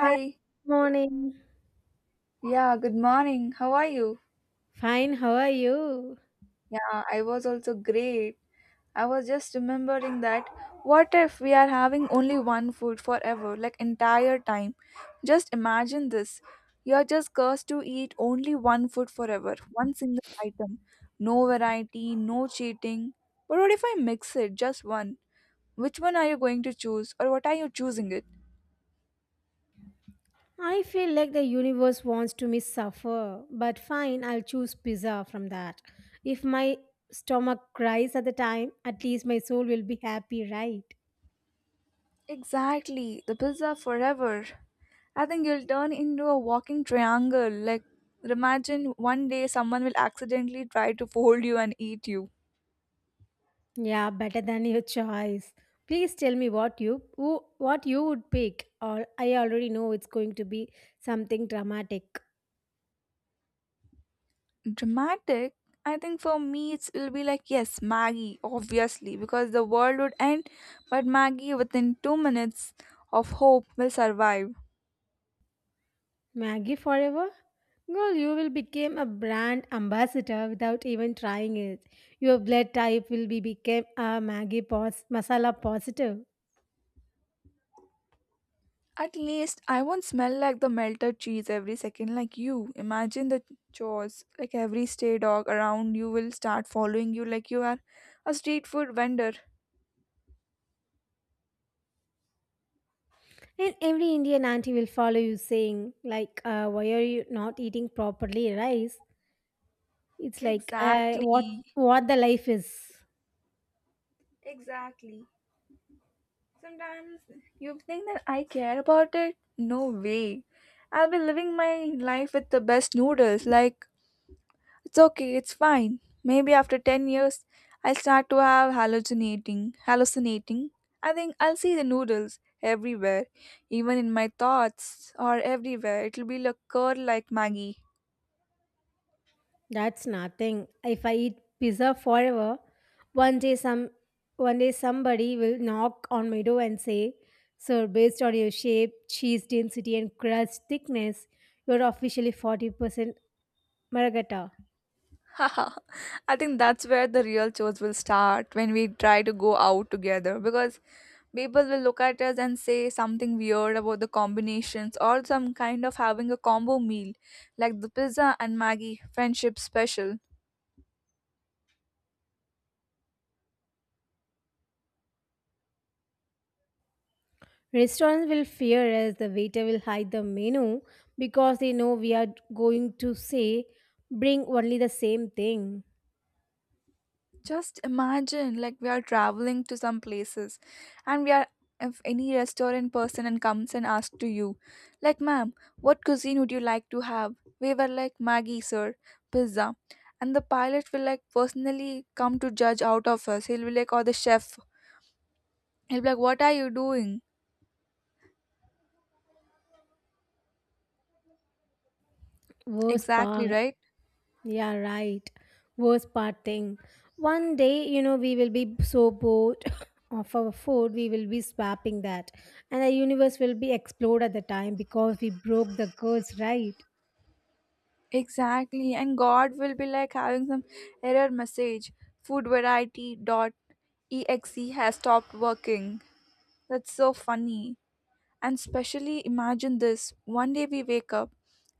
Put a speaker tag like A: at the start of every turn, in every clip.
A: Hi, morning.
B: Yeah, good morning. How are you?
A: Fine, how are you?
B: Yeah, I was also great. I was just remembering that, what if we are having only one food forever, like entire time? Just imagine this. You're just cursed to eat only one food forever, one single item. No variety, no cheating. But what if I mix it, just one? Which one are you going to choose, or what are you choosing it?
A: I feel like the universe wants to me suffer, but fine, I'll choose pizza from that. If my stomach cries at the time, at least my soul will be happy, right?
B: Exactly, the pizza forever. I think you'll turn into a walking triangle. Like, imagine one day someone will accidentally try to fold you and eat you.
A: Yeah, better than your choice. Please tell me what you would pick, or I already know it's going to be something dramatic.
B: Dramatic? I think for me, it'll be like, yes, Maggie, obviously, because the world would end, but Maggie, within 2 minutes of hope, will survive.
A: Maggie forever? Girl, you will become a brand ambassador without even trying it. Your blood type will be become a masala positive.
B: At least I won't smell like the melted cheese every second like you. Imagine the chores. Like every stray dog around you will start following you like you are a street food vendor.
A: And every Indian auntie will follow you saying, why are you not eating properly rice? It's like, what
B: Exactly.
A: the life is.
B: Exactly. Sometimes. You think that I care about it? No way. I'll be living my life with the best noodles. Like. It's okay, it's fine. Maybe after 10 years, I'll start to have hallucinating. I think I'll see the noodles everywhere, even in my thoughts or everywhere. It'll be like curl like Maggie.
A: That's nothing. If I eat pizza forever, one day some one day somebody will knock on my door and say, Sir, based on your shape, cheese density, and crust thickness, you're officially 40% margherita.
B: Haha. I think that's where the real chores will start when we try to go out together, because people will look at us and say something weird about the combinations, or some kind of having a combo meal like the pizza and Maggie friendship special.
A: Restaurants will fear us, the waiter will hide the menu because they know we are going to say, Bring only the same thing.
B: Just imagine, like we are traveling to some places, and we are if any restaurant person and comes and asks to you, like, ma'am, what cuisine would you like to have? We were like, Maggie, sir, pizza. And the pilot will like personally come to judge out of us. He'll be like, or the chef. He'll be like, what are you doing?
A: Worst
B: Exactly,
A: part.
B: right?
A: Yeah, right. Worst part thing. One day, you know, we will be so bored of our food, we will be swapping that. And the universe will be explode at the time because we broke the curse, right?
B: Exactly. And God will be like having some error message. Food variety dot exe has stopped working. That's so funny. And specially imagine this, one day we wake up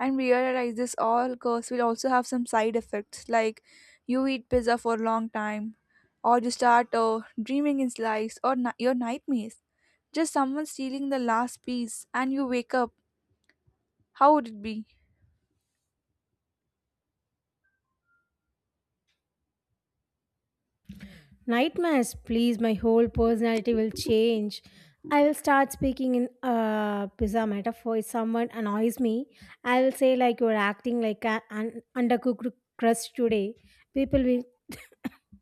B: and we realize this all curse will also have some side effects, like you eat pizza for a long time, or you start dreaming in slice, or your nightmares. Just someone stealing the last piece and you wake up. How would it be?
A: Nightmares, please, my whole personality will change. I will start speaking in pizza metaphor. If someone annoys me, I will say like you're acting like an undercooked crust today. People will,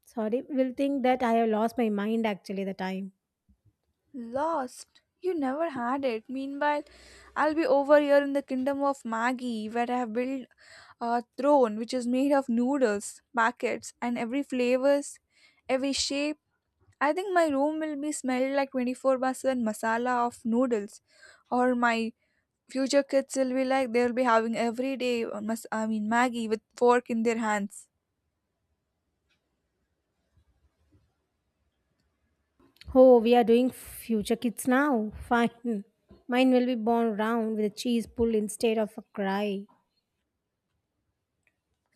A: will think that I have lost my mind actually the time.
B: Lost. You never had it. Meanwhile, I'll be over here in the kingdom of Maggie, where I have built a throne which is made of noodles, packets, and every flavors, every shape. I think my room will be smelled like 24 by 7 masala of noodles, or my future kids will be like, they'll be having every day, I mean, Maggie with fork in their hands.
A: Oh, we are doing future kids now. Fine. Mine will be born round with a cheese pull instead of a cry.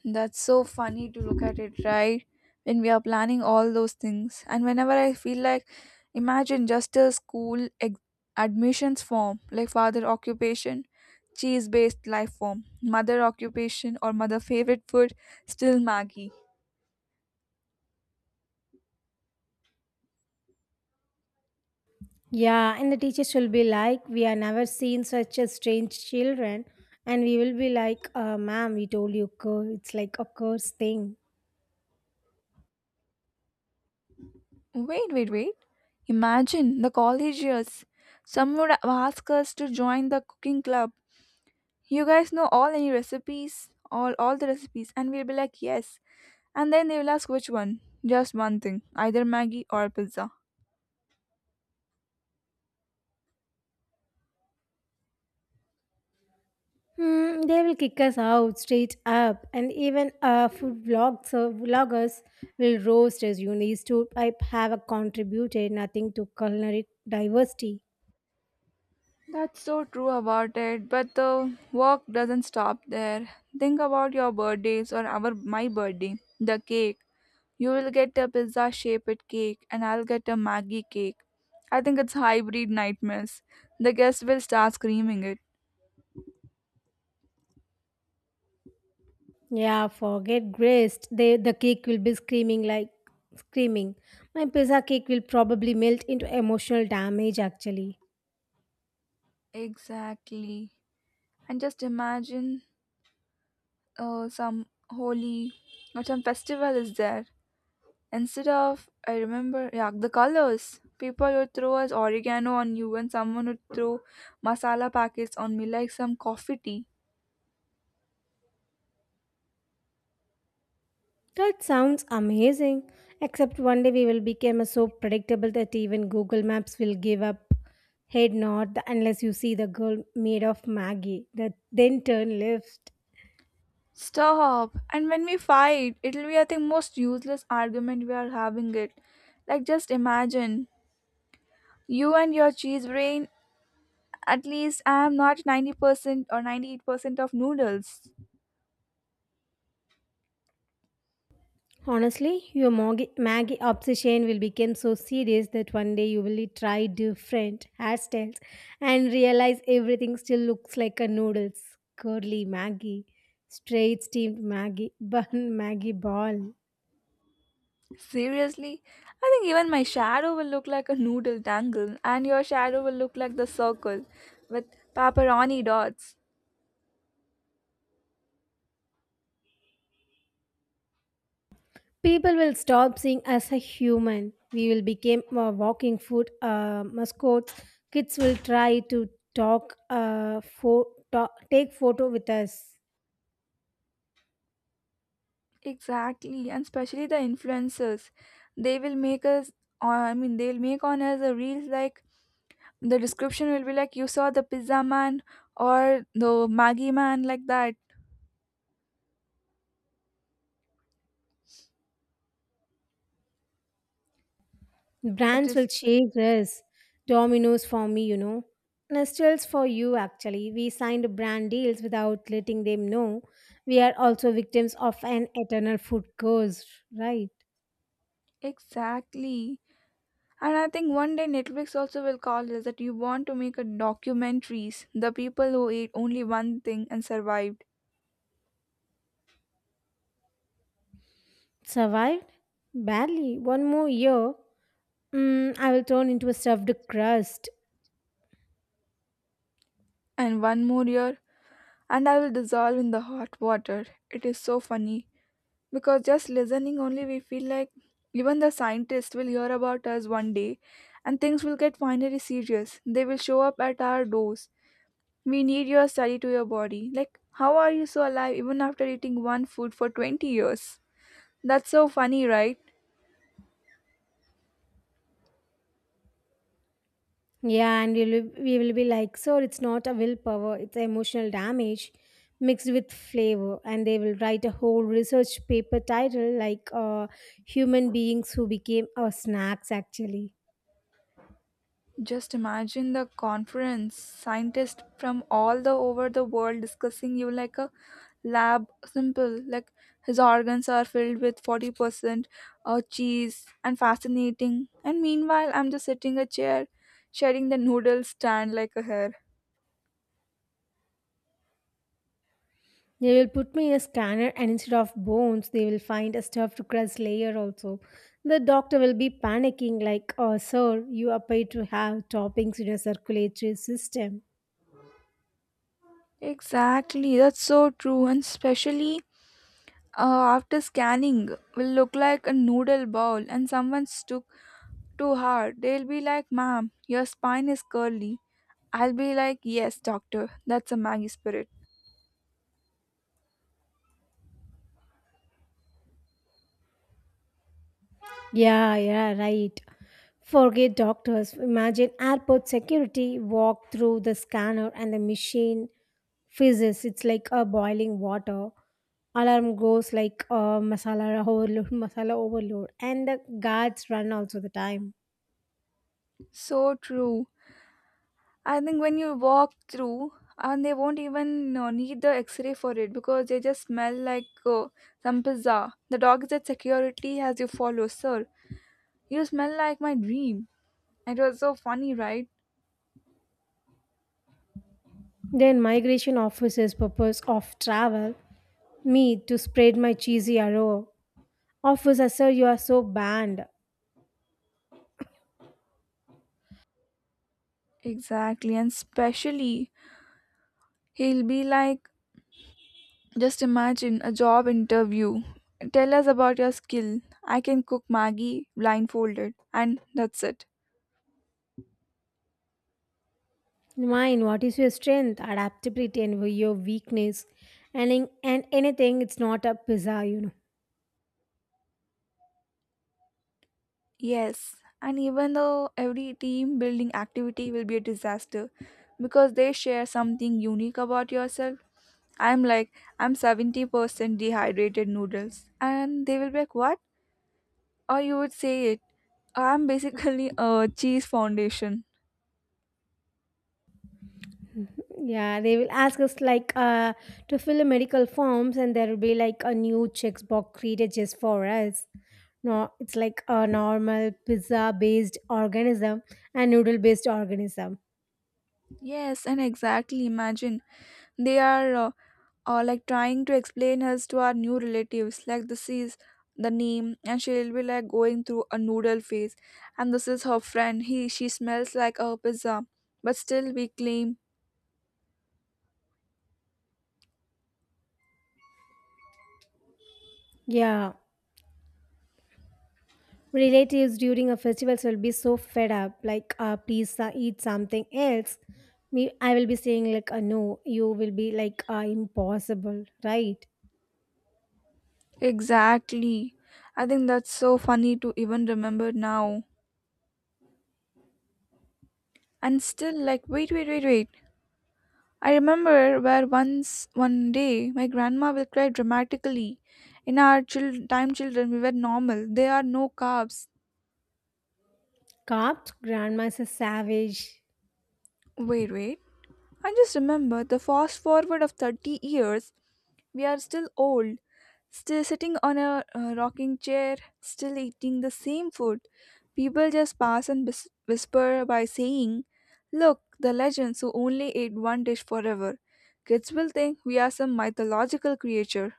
B: That's so funny to look at it, right? When we are planning all those things, and whenever I feel like, imagine just a school admissions form, like father occupation, cheese based life form, mother occupation, or mother favorite food, still Maggie.
A: Yeah, and the teachers will be like, We have never seen such a strange children. And we will be like, Ma'am, we told you, it's like a curse thing.
B: Wait, wait, wait. Imagine the college years. Someone would ask us to join the cooking club. You guys know all any recipes, all the recipes, and we'll be like yes. And then they will ask which one. Just one thing, either Maggie or pizza.
A: Hmm, they will kick us out straight up. And even food vlogs, or vloggers will roast us. You need to I have a contributed nothing to culinary diversity.
B: That's so true about it. But the work doesn't stop there. Think about your birthdays or our my birthday. The cake. You'll get a pizza shaped cake, and I'll get a Maggie cake. I think it's hybrid nightmares. The guests will start screaming it.
A: Yeah, forget grist. The cake will be screaming like screaming. My pizza cake will probably melt into emotional damage actually.
B: Exactly. And just imagine some holy or some festival is there. Instead of, I remember, yeah, the colors. People would throw us oregano on you, and someone would throw masala packets on me like some coffee tea.
A: That sounds amazing. Except one day we will become so predictable that even Google Maps will give up head nod unless you see the girl made of Maggie that then turn left.
B: Stop. And when we fight, it'll be, I think, most useless argument we are having it. Like, just imagine you and your cheese brain. At least I am not 90% or 98% of noodles.
A: Honestly, your Maggie obsession will become so serious that one day you will try different hairstyles and realize everything still looks like a noodles. Curly Maggie, straight steamed Maggie, bun Maggie ball.
B: Seriously? I think even my shadow will look like a noodle dangle, and your shadow will look like the circle with pepperoni dots.
A: People will stop seeing us a human. We will become a walking food mascots. Kids will try to talk, take photo with us.
B: Exactly, and especially the influencers. They will make us, I mean, they'll make on us a reels, like the description will be like you saw the pizza man or the Maggie man like that. It
A: Brands will
B: is.
A: chase us. Dominoes for me, you know. Nestles for you, actually. We signed brand deals without letting them know. We are also victims of an eternal food curse, right?
B: Exactly. And I think one day Netflix also will call this, that you want to make a documentaries, the people who ate only one thing and survived.
A: Survived? Badly. One more year, I will turn into a stuffed crust.
B: And one more year, and I will dissolve in the hot water. It is so funny, because just listening only we feel like even the scientists will hear about us one day, and things will get finally serious. They will show up at our doors. We need your study to your body. Like, how are you so alive even after eating one food for 20 years? That's so funny, right?
A: Yeah, we will be like, so it's not a willpower, it's emotional damage mixed with flavor. And they will write a whole research paper title like Human Beings Who Became Our Snacks, actually.
B: Just imagine the conference, scientists from all the over the world discussing you like a lab simple, like his organs are filled with 40% cheese and fascinating. And meanwhile, I'm just sitting a chair, sharing the noodle stand like a hair.
A: They will put me in a scanner, and instead of bones, they will find a stuffed crust layer also. The doctor will be panicking, like, oh, sir, you are paid to have toppings in your circulatory system.
B: Exactly, that's so true, and especially after scanning will look like a noodle bowl and someone took too hard. They'll be like, ma'am, your spine is curly. I'll be like, yes, doctor, that's a Maggie spirit.
A: Yeah, yeah, right. Forget doctors. Imagine airport security walk through the scanner and the machine fizzes. It's like a boiling water. Alarm goes like a masala overload, and the guards run also the time.
B: So true. I think when you walk through, and they won't even need the x-ray for it, because they just smell like some pizza. The dog is at security as you follow, sir. You smell like my dream. It was so funny, right?
A: Then migration officers' purpose of travel, me to spread my cheesy arrow. Officer, sir, you are so banned.
B: Exactly, and specially he'll be like, just imagine a job interview. Tell us about your skill. I can cook Maggie blindfolded. And that's it.
A: Mine, what is your strength, adaptability, and your weakness, and anything, it's not a pizza, you know.
B: Yes. And even though every team building activity will be a disaster, because they share something unique about yourself. I'm like, I'm 70% dehydrated noodles. And they will be like, what? Or you would say it. I'm basically a cheese foundation.
A: Yeah, they will ask us like to fill the medical forms, and there will be like a new checkbox created just for us. No, it's like a normal pizza-based organism and noodle-based organism.
B: Yes, and exactly. Imagine they are or like trying to explain hers to our new relatives, like this is the name and she'll be like going through a noodle phase, and this is her friend, he she smells like a pizza, but still we claim.
A: Yeah. Relatives during a festival will be so fed up like please eat something else. Me, I will be saying like no. You will be like impossible, right?
B: Exactly. I think that's so funny to even remember now. And still, like, wait, wait, wait, wait, I remember where once one day my grandma will cry dramatically in our time, children we were normal, there are no carbs.
A: Cops, grandma's a savage.
B: Wait, wait. And just remember the fast forward of 30 years, we are still old, still sitting on a rocking chair, still eating the same food. People just pass and whisper by saying, look, the legends who only ate one dish forever. Kids will think we are some mythological creature.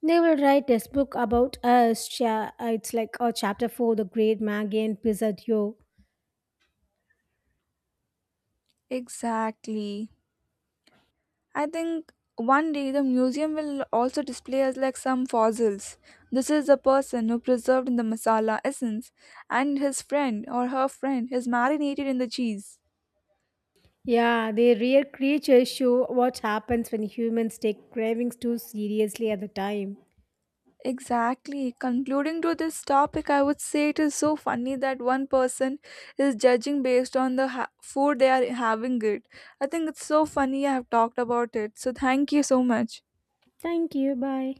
A: They will write this book about us it's like chapter 4, the great Maggie and Pizzadio.
B: Exactly. I think one day the museum will also display us like some fossils. This is the person who preserved in the masala essence, and his friend or her friend is marinated in the cheese.
A: Yeah, their rare creatures show what happens when humans take cravings too seriously at the time.
B: Exactly. Concluding to this topic, I would say it is so funny that one person is judging based on the food they are having it. I think it's so funny I have talked about it. So thank you so much.
A: Thank you, bye.